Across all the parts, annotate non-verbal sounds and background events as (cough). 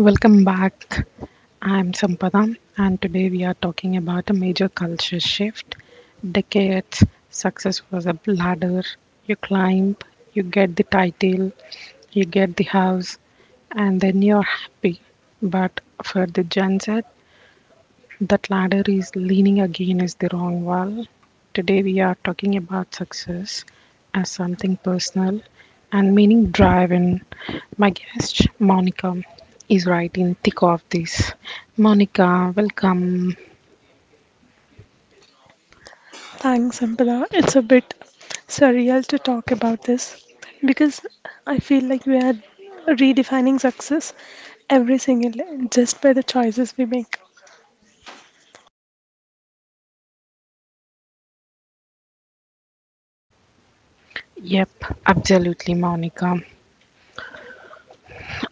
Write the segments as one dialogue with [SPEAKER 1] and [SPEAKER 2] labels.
[SPEAKER 1] Welcome back. I'm Sampada, and today we are talking about a major culture shift. Decades, success was a ladder. You climb, you get the title, you get the house, and then you're happy. But for the Gen Z, that ladder is leaning against the wrong wall. Today, we are talking about success as something personal and meaning driven. My guest, Monica, is right in thick of this. Monica, welcome.
[SPEAKER 2] Thanks, Ampala. It's a bit surreal to talk about this because I feel like we are redefining success every single day just by the choices we make.
[SPEAKER 1] Yep, absolutely, Monica.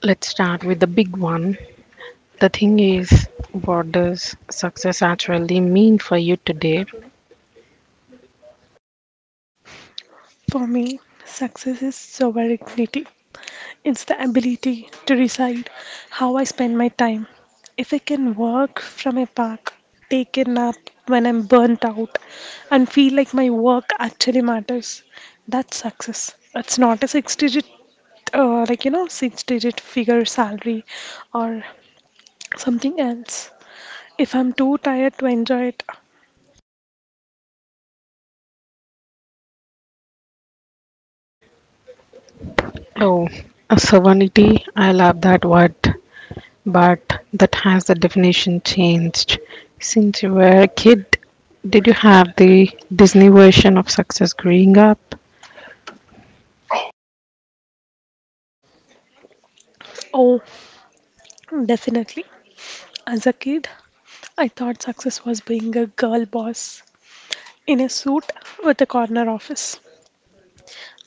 [SPEAKER 1] Let's start with the big one. The thing is, what does success actually mean for you today?
[SPEAKER 2] For me, success is sovereignty. It's the ability to decide how I spend my time. If I can work from a park, take a nap when I'm burnt out, and feel like my work actually matters, that's success. It's not a six digit like you know six digit figure salary or something else if I'm too tired to enjoy it.
[SPEAKER 1] Oh, sovereignty. I love that word. But that has the definition changed. Since you were a kid, did you have the Disney version of success growing up?
[SPEAKER 2] Oh, definitely. As a kid, I thought success was being a girl boss in a suit with a corner office.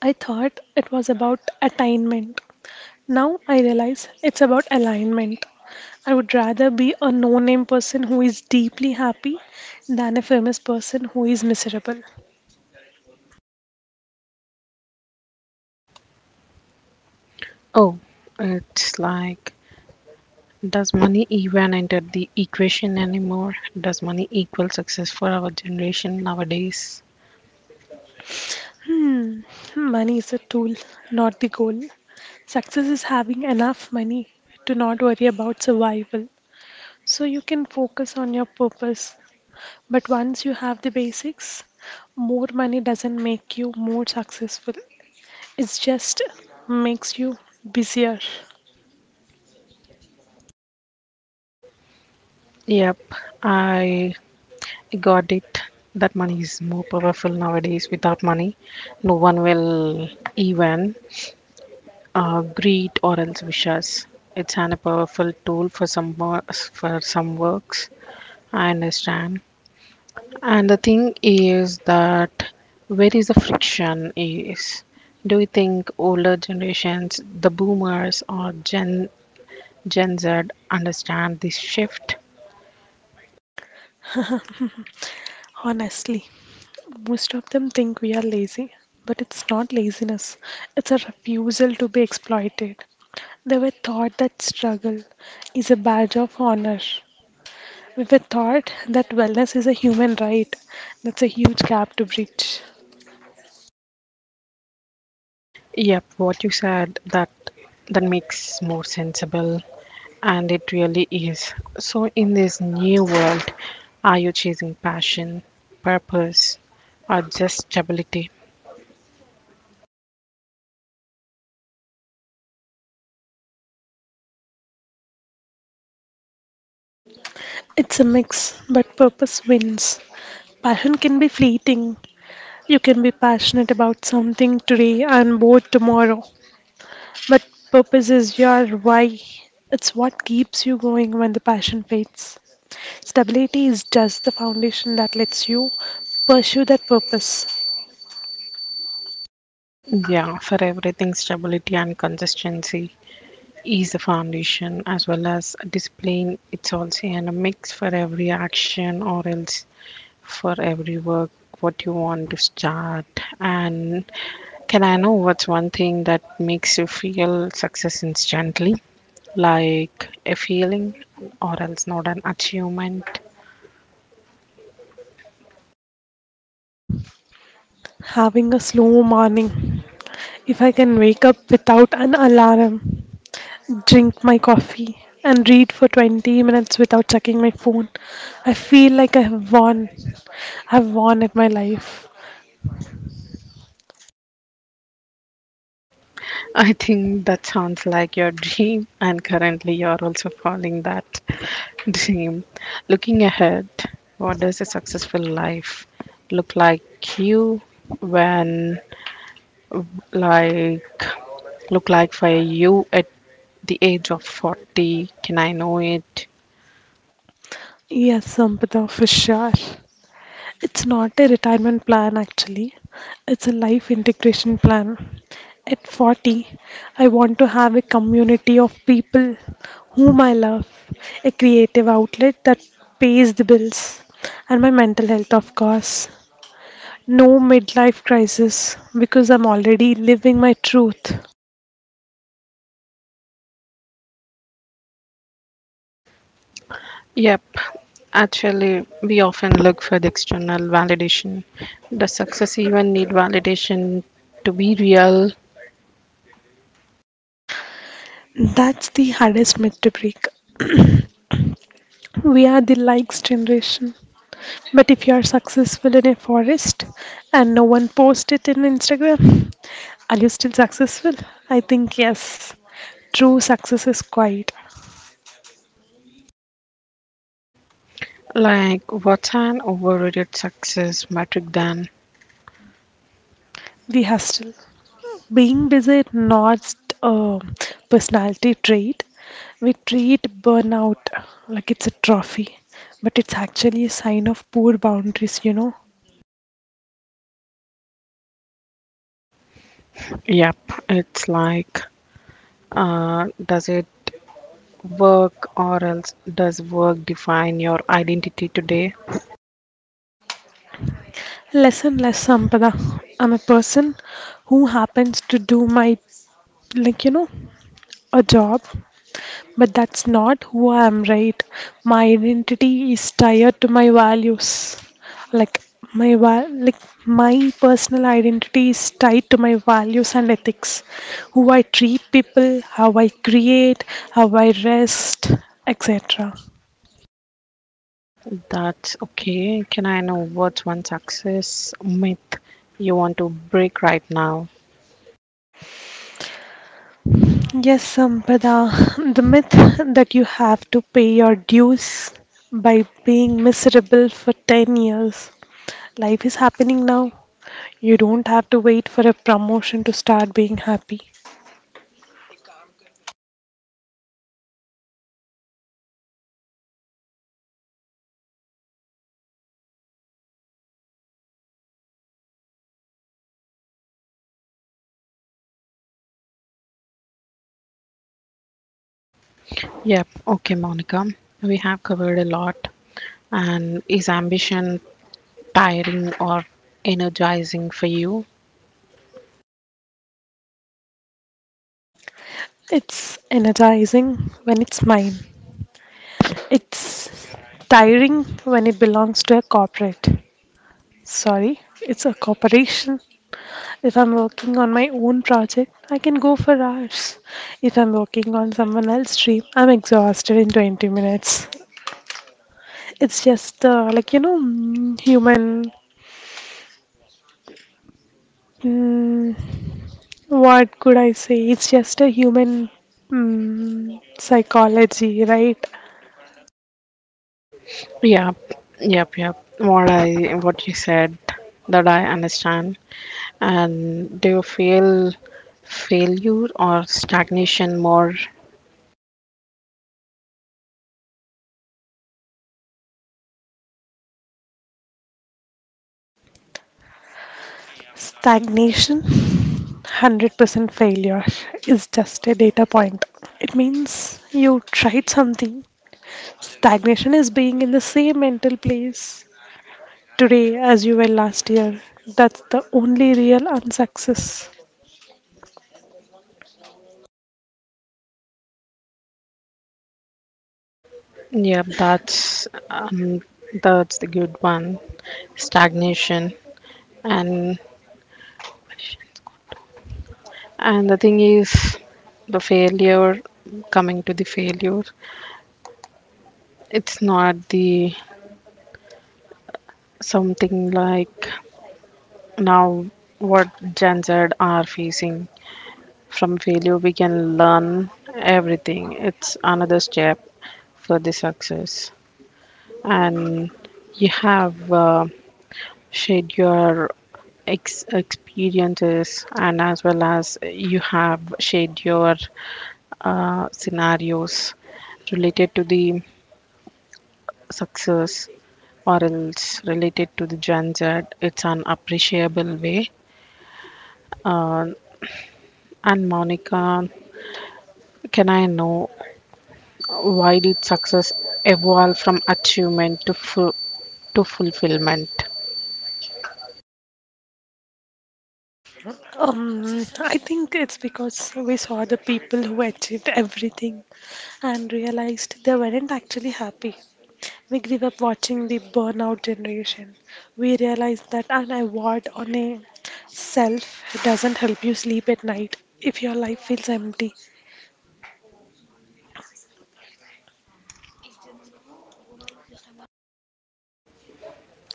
[SPEAKER 2] I thought it was about attainment. Now I realize it's about alignment. I would rather be a no name person who is deeply happy than a famous person who is miserable.
[SPEAKER 1] Oh, it's like, does money even enter the equation anymore? Does money equal success for our generation nowadays?
[SPEAKER 2] Money is a tool, not the goal. Success is having enough money to not worry about survival. So you can focus on your purpose. But once you have the basics, more money doesn't make you more successful. It just makes you busier,
[SPEAKER 1] Yep, I got it. That money is more powerful nowadays. Without money, no one will even greed or else wishes. It's an, a powerful tool for some for some works. I understand. And the thing is, that where is the friction is? Do you think older generations, the boomers or Gen Z, understand this shift?
[SPEAKER 2] honestly. Most of them think we are lazy, but it's not laziness, it's a refusal to be exploited. They were taught that struggle is a badge of honor with the thought that wellness is a human right. That's a huge gap to bridge.
[SPEAKER 1] Yep, what you said, that that makes more sensible. And it really is. So, in this new world, are you chasing passion, purpose, or just stability?
[SPEAKER 2] It's a mix, but purpose wins. Passion can be fleeting. You can be passionate about something today and bored tomorrow. But purpose is your why. It's what keeps you going when the passion fades. Stability is just the foundation that lets you pursue that purpose.
[SPEAKER 1] Yeah, for everything, stability and consistency is the foundation, as well as discipline. It's also in a mix for every action, or else for every work, what you want to start. And can I know what's one thing that makes you feel success instantly? Like a feeling or else not an achievement?
[SPEAKER 2] Having a slow morning. If I can wake up without an alarm, drink my coffee, and read for 20 minutes without checking my phone. I feel like I have won. I've won at my life.
[SPEAKER 1] (laughs) I think that sounds like your dream, and currently you're also following that (laughs) dream. Looking ahead, what does a successful life look like you when like look like for you at the age of 40? Can I know it?
[SPEAKER 2] Yes, Sampata, for sure. It's not a retirement plan actually, it's a life integration plan. At 40, I want to have a community of people whom I love, a creative outlet that pays the bills, and my mental health, of course. No midlife crisis because I'm already living my truth.
[SPEAKER 1] Yep. Actually, we often look for the external validation. Does success even need validation to be real?
[SPEAKER 2] That's the hardest myth to break. We are the likes generation. But if you are successful in a forest and no one posts it in Instagram, are you still successful? I think yes. True success is quiet.
[SPEAKER 1] Like, what's an overrated success metric then?
[SPEAKER 2] The hustle. Being busy is not a personality trait. We treat burnout like it's a trophy, but it's actually a sign of poor boundaries.
[SPEAKER 1] Yep, it's like, does it work, or else does work define your identity today?
[SPEAKER 2] Less and less, Sampada. I'm a person who happens to do my like you know a job, but that's not who I am, right? My identity is tied to my values. Like my va- like my personal identity is tied to my values and ethics. Who I treat people, how I create, how I rest, etc.
[SPEAKER 1] That's okay. Can I know what's one success myth you want to break right now?
[SPEAKER 2] Yes, Sampada. The myth that you have to pay your dues by being miserable for 10 years. Life is happening now. You don't have to wait for a promotion to start being happy.
[SPEAKER 1] Yep, okay, Monica. We have covered a lot. And is ambition tiring or energizing for you?
[SPEAKER 2] It's energizing when it's mine. It's tiring when it belongs to a corporate. Sorry, it's a corporation. If I'm working on my own project, I can go for hours. If I'm working on someone else's dream, I'm exhausted in 20 minutes. It's just human. Mm, what could I say? It's just a human psychology, right?
[SPEAKER 1] Yep, yep, yep. What you said, that I understand. And do you feel failure or stagnation more?
[SPEAKER 2] Stagnation, 100%. Failure is just a data point. It means you tried something. Stagnation is being in the same mental place today as you were last year. That's the only real unsuccess.
[SPEAKER 1] Yep, that's the good one. Stagnation and the thing is, the failure, coming to the failure, it's not the something like. Now, what Gen Z are facing, from failure, we can learn everything. It's another step for the success. And you have shared your experiences, and as well as you have shared your scenarios related to the success or else related to the Gen Z. It's an appreciable way. And Monica, can I know, why did success evolve from achievement to to fulfillment?
[SPEAKER 2] Um, I think it's because we saw the people who achieved everything and realized they weren't actually happy. We grew up watching the burnout generation. We realized that an award on a self doesn't help you sleep at night if your life feels empty.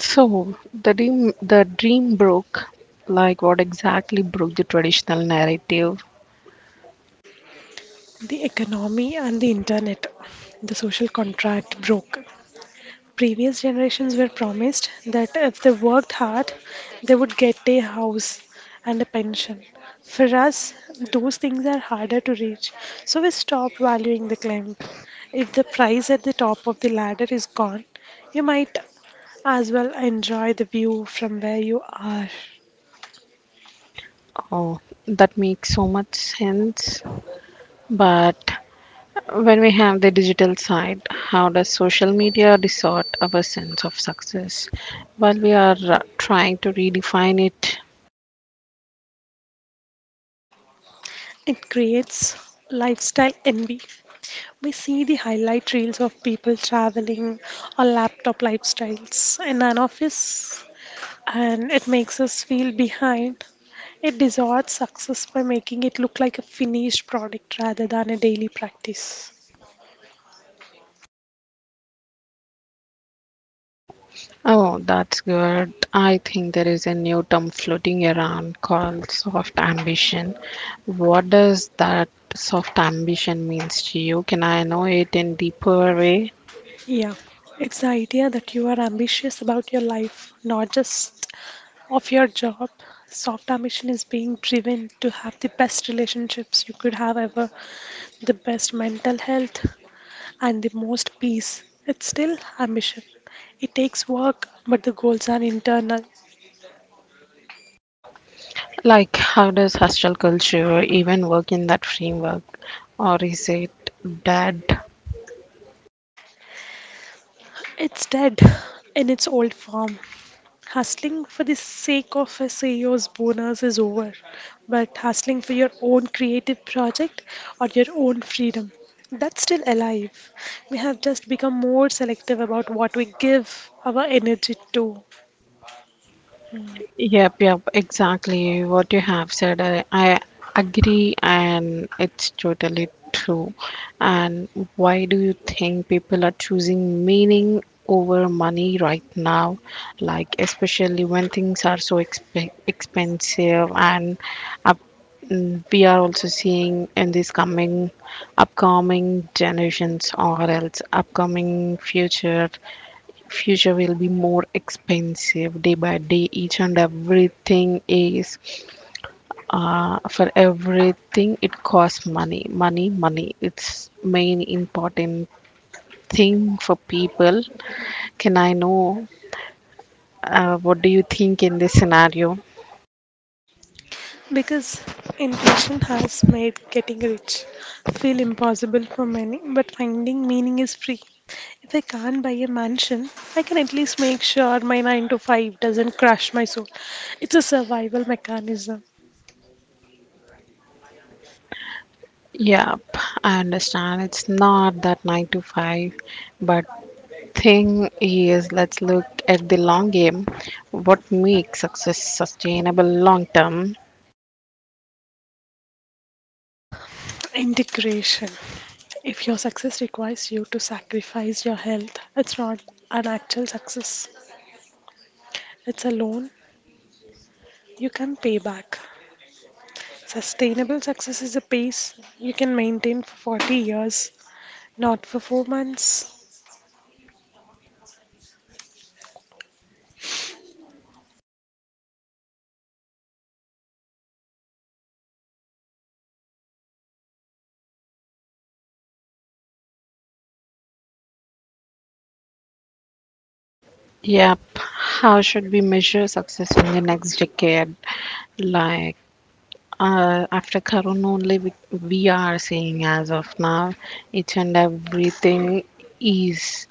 [SPEAKER 1] So the dream broke, like what exactly broke the traditional narrative.
[SPEAKER 2] The economy and the internet, the social contract broke. Previous generations were promised that if they worked hard, they would get a house and a pension. For us, those things are harder to reach, so we stop valuing the climb. If the prize at the top of the ladder is gone, you might as well enjoy the view from where you are.
[SPEAKER 1] Oh, that makes so much sense. But when we have the digital side, how does social media distort our sense of success? While we are trying to redefine it.
[SPEAKER 2] It creates lifestyle envy. We see the highlight reels of people traveling or laptop lifestyles, and none of us and it makes us feel behind. It distorts success by making it look like a finished product rather than a daily practice.
[SPEAKER 1] Oh, that's good. I think there is a new term floating around called soft ambition. What does that soft ambition means to you? Can I know it in deeper way?
[SPEAKER 2] Yeah, it's the idea that you are ambitious about your life, not just of your job. Soft ambition is being driven to have the best relationships you could have ever, the best mental health, and the most peace. It's still ambition. It takes work, but the goals are internal.
[SPEAKER 1] Like, how does hostile culture even work in that framework? Or is it dead?
[SPEAKER 2] It's dead in its old form. Hustling for the sake of a CEO's bonus is over, but hustling for your own creative project or your own freedom, that's still alive. We have just become more selective about what we give our energy to
[SPEAKER 1] Yep, yep, exactly what you have said. I agree, and it's totally true. And why do you think people are choosing meaning over money right now? Like, especially when things are so expensive, and up, we are also seeing in these coming, upcoming generations, or else upcoming future will be more expensive day by day. Each and everything is, for everything it costs money money money. It's main important thing for people. Can I know, what do you think in this scenario?
[SPEAKER 2] because inflation has made getting rich feel impossible for many, but finding meaning is free. If I can't buy a mansion, I can at least make sure my 9 to 5 doesn't crush my soul. It's a survival mechanism.
[SPEAKER 1] Yep, I understand. It's not that 9 to 5, but thing is, let's look at the long game. What makes success sustainable long term?
[SPEAKER 2] Integration. If your success requires you to sacrifice your health, it's not an actual success. It's a loan you can pay back. Sustainable success is a pace you can maintain for 40 years, not for 4 months.
[SPEAKER 1] Yep. How should we measure success in the next decade? Like, after Corona, only we are seeing as of now, each and everything is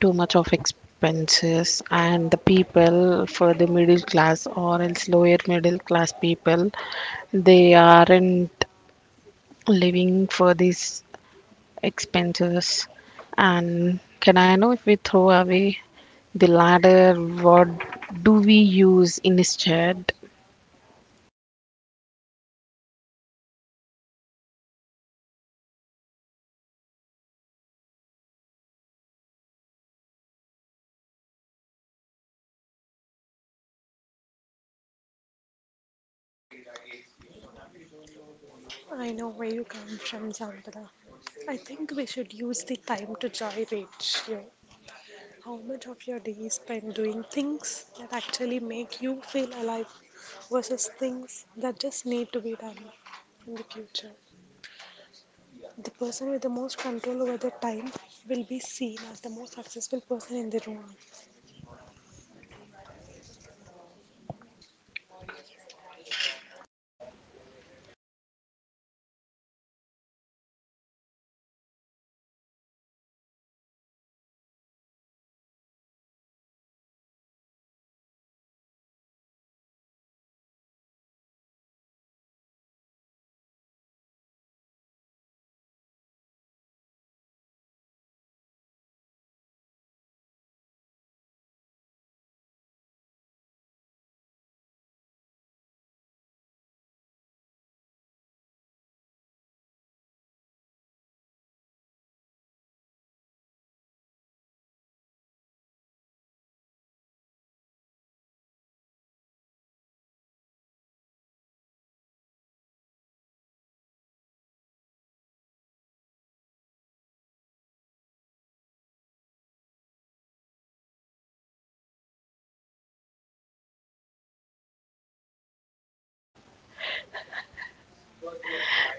[SPEAKER 1] too much of expenses, and the people for the middle class or else lower middle class people, they aren't living for this expenses. And can I know, if we throw away the ladder, what do we use instead?
[SPEAKER 2] I know where you come from, Sambala. I think we should use the time to joy ratio. How much of your day is spent doing things that actually make you feel alive versus things that just need to be done in the future? The person with the most control over their time will be seen as the most successful person in the room.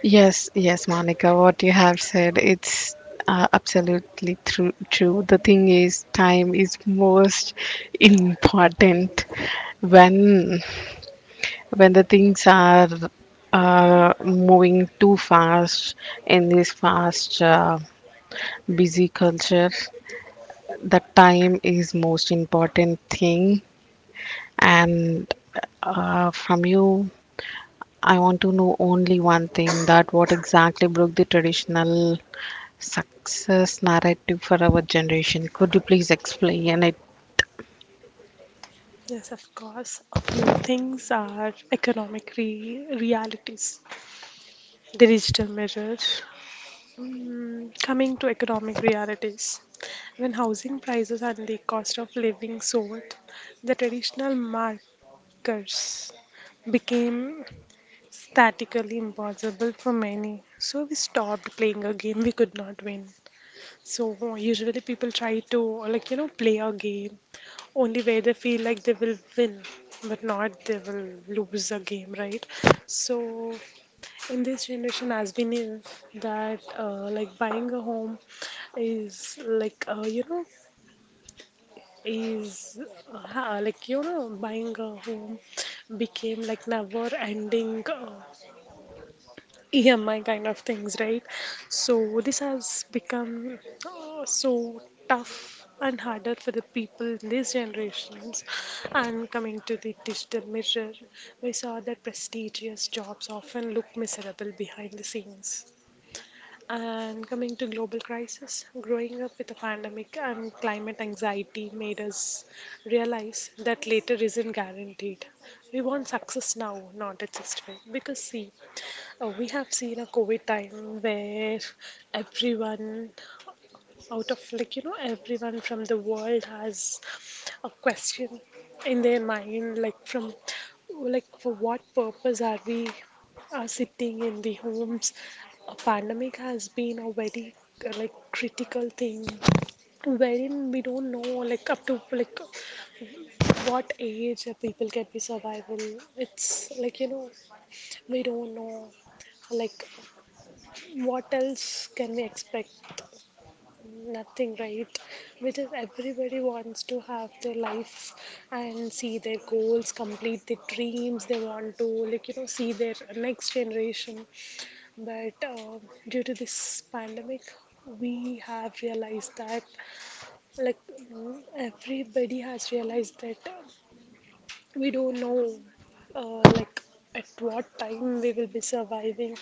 [SPEAKER 1] Yes, yes, Monica, what you have said, it's absolutely true, true. The thing is, time is most important when the things are moving too fast in this fast, busy culture. The time is most important thing, and from you I want to know only one thing: that what exactly broke the traditional success narrative for our generation? Could you please explain it?
[SPEAKER 2] Yes, of course. A few things are economic realities, the digital measures. Coming to economic realities, when housing prices and the cost of living soared, the traditional markers became statically impossible for many. So we stopped playing a game we could not win. So usually people try to play a game only where they feel like they will win, but not they will lose a game, right? So in this generation, as we knew that like buying a home is like you know is buying a home became like never ending EMI kind of things, right? So this has become so tough and harder for the people in these generations. And coming to the digital mirror, we saw that prestigious jobs often look miserable behind the scenes. And coming to global crisis, growing up with a pandemic and climate anxiety made us realize that later isn't guaranteed. We want success now, not a just way. Because see, we have seen a COVID time where everyone out of like you know everyone from the world has a question in their mind like from like for what purpose are we are sitting in the homes. A pandemic has been a very like critical thing wherein we don't know like up to like what age people can be survival. It's like we don't know like what else can we expect. Nothing, right? Because everybody wants to have their life and see their goals, complete their dreams, they want to see their next generation. But due to this pandemic we have realized that like everybody has realized that we don't know like at what time we will be surviving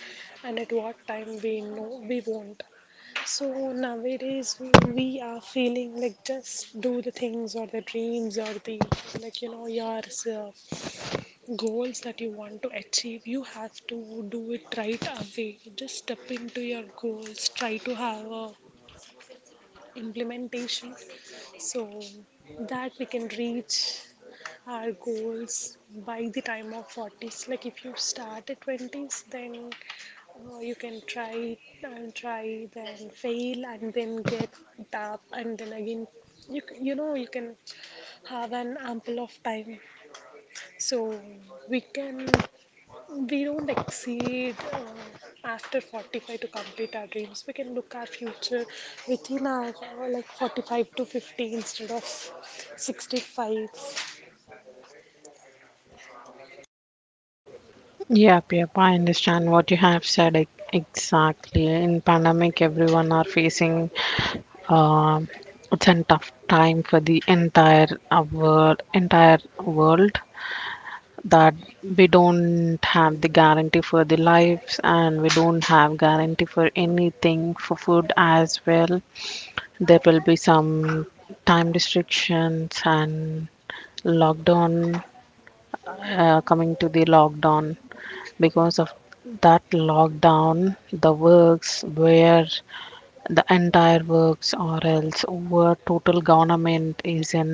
[SPEAKER 2] and at what time we know we won't. So nowadays we are feeling like just do the things or the dreams or the your uh, goals that you want to achieve. You have to do it right away. Just step into your goals. Try to have a implementation so that we can reach our goals by the time of 40s. Like if you start at 20s, then oh, you can try and try, then fail, and then get up, and then again. You, you know you can have an ample of time, so we can we don't exceed after 45 to complete our dreams. We can look our future within our like 45 to 50 instead of 65.
[SPEAKER 1] Yep, yep, I understand what you have said exactly. In pandemic, everyone are facing um it's a tough time for the entire world, entire world. That we don't have the guarantee for the lives, and we don't have guarantee for anything, for food as well. There will be some time restrictions and lockdown. Coming to the lockdown, because of that lockdown, the works where the entire works or else where total government is in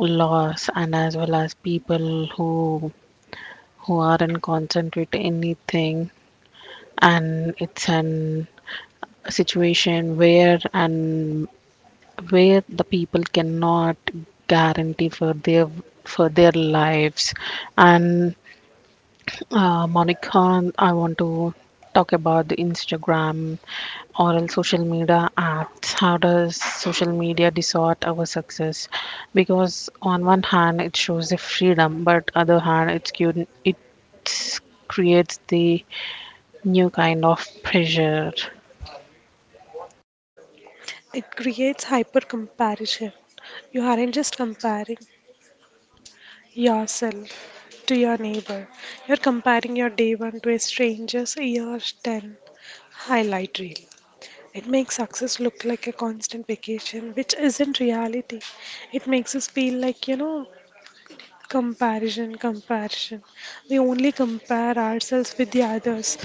[SPEAKER 1] loss, and as well as people who aren't concentrate anything. And it's an a situation where and where the people cannot guarantee for their lives. And Monica, I want to talk about the Instagram or else social media apps. How does social media distort our success, because on one hand it shows the freedom, but other hand it's cute, it creates the new kind of pressure.
[SPEAKER 2] It creates hyper comparison. You aren't just comparing yourself to your neighbor. You're comparing your day one to a stranger's year 10 highlight reel. It makes success look like a constant vacation, which isn't reality. It makes us feel like comparison, comparison. We only compare ourselves with the others,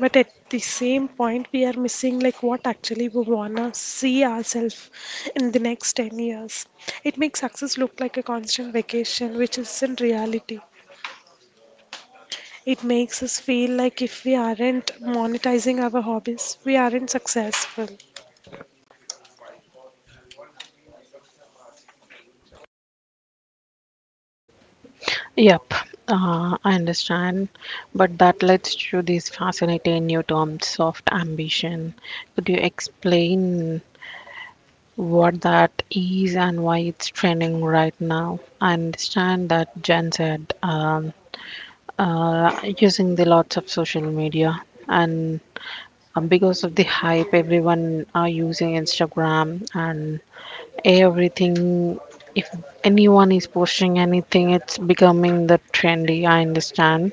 [SPEAKER 2] but at the same point, we are missing like what actually we wanna see ourselves in the next 10 years. It makes success look like a constant vacation, which isn't reality. It makes us feel like if we aren't monetizing our hobbies, we aren't successful.
[SPEAKER 1] Yep, I understand. But that leads to these fascinating new terms of ambition. Could you explain what that is and why it's trending right now? I understand that Jen said using the lots of social media, and because of the hype, everyone are using Instagram and everything. If anyone is posting anything, it's becoming the trendy. I understand,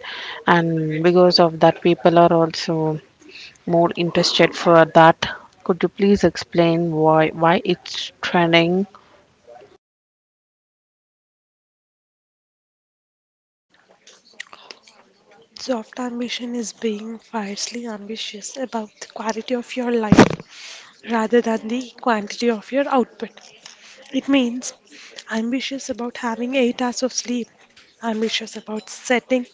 [SPEAKER 1] and because of that people are also more interested for that. Could you please explain why it's trending?
[SPEAKER 2] Soft ambition is being fiercely ambitious about the quality of your life rather than the quantity of your output. It means ambitious about having 8 hours of sleep, ambitious about setting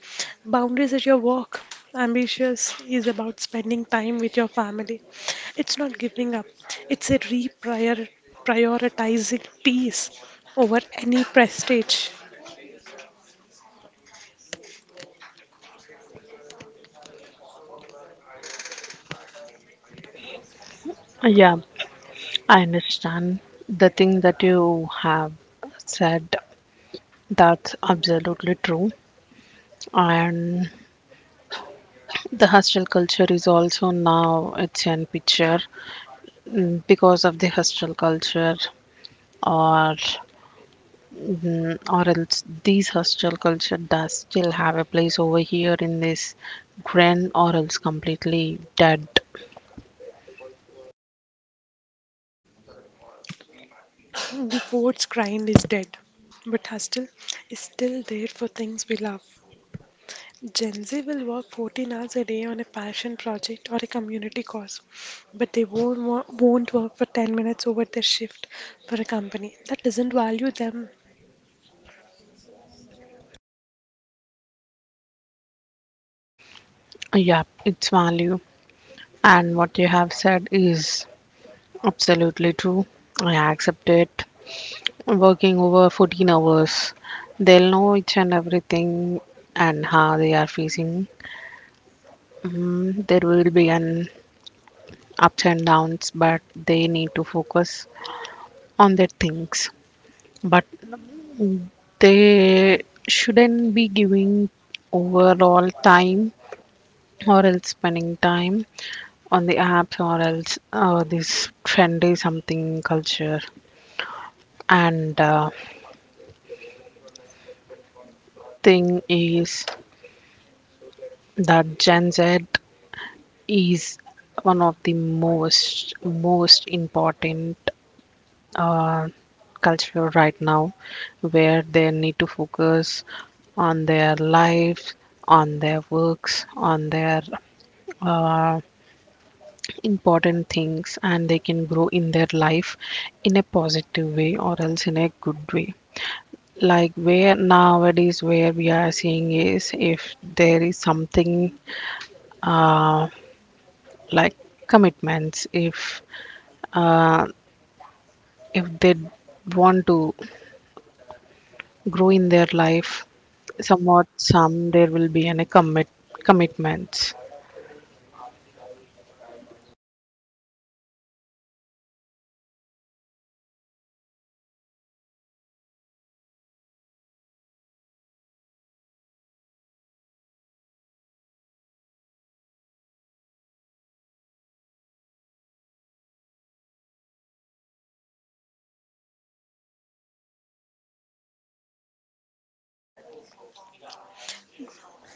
[SPEAKER 2] boundaries at your work, ambitious is about spending time with your family. It's not giving up, it's a reprioritizing peace over any prestige.
[SPEAKER 1] Yeah, I understand. The thing that you have said, that's absolutely true. And the hostel culture is also now it's in picture. Mm, because of the hostel culture, or Or else these hostile culture does still have a place over here in this grand or else completely dead.
[SPEAKER 2] The poet's grind is dead, but hustle is still there for things we love. Gen Z will work 14 hours a day on a passion project or a community cause, but they won't work for 10 minutes over their shift for a company that doesn't value them
[SPEAKER 1] Yeah, its value. And what you have said is absolutely true. I accept it. Working over 14 hours, they'll know each and everything and how they are facing. Mm, there will be an ups and downs, but they need to focus on their things. But they shouldn't be giving overall time or else spending time on the apps or else this trendy something culture. And thing is that Gen Z is one of the most important uh, culture right now, where they need to focus on their life, on their works, on their uh, important things, and they can grow in their life in a positive way or else in a good way. Like where nowadays where we are seeing is, if there is something, uh, like commitments, uh, if they want to grow in their life, somewhat some there will be any commitments.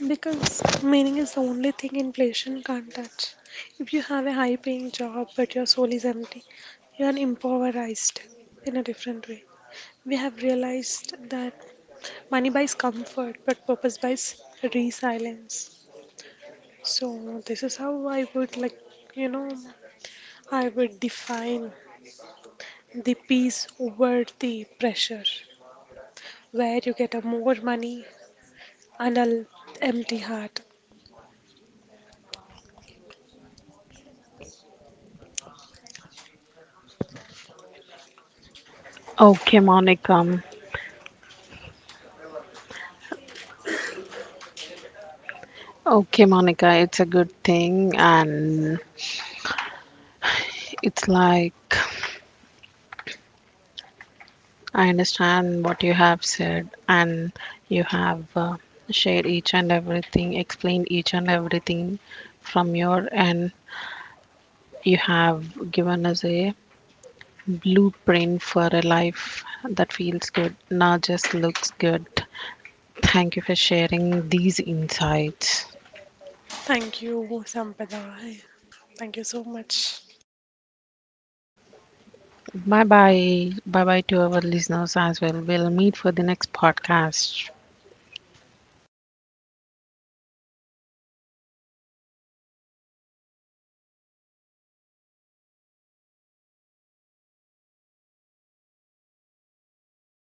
[SPEAKER 2] because meaning is the only thing inflation can't touch. If you have a high paying job but your soul is empty, you are impoverished in a different way. We have realized that money buys comfort but purpose buys resilience. So, this is how I would like, you know, I would define the peace over the pressure, where you get a more money and an empty heart.
[SPEAKER 1] Okay, Monica, it's a good thing, and it's like, I understand what you have said, and you have shared each and everything, explained each and everything from your end. You have given us a blueprint for a life that feels good, not just looks good. Thank you for sharing these insights.
[SPEAKER 2] Thank you, Sampada. Thank you so much.
[SPEAKER 1] Bye bye. Bye bye to our listeners as well. We'll meet for the next podcast.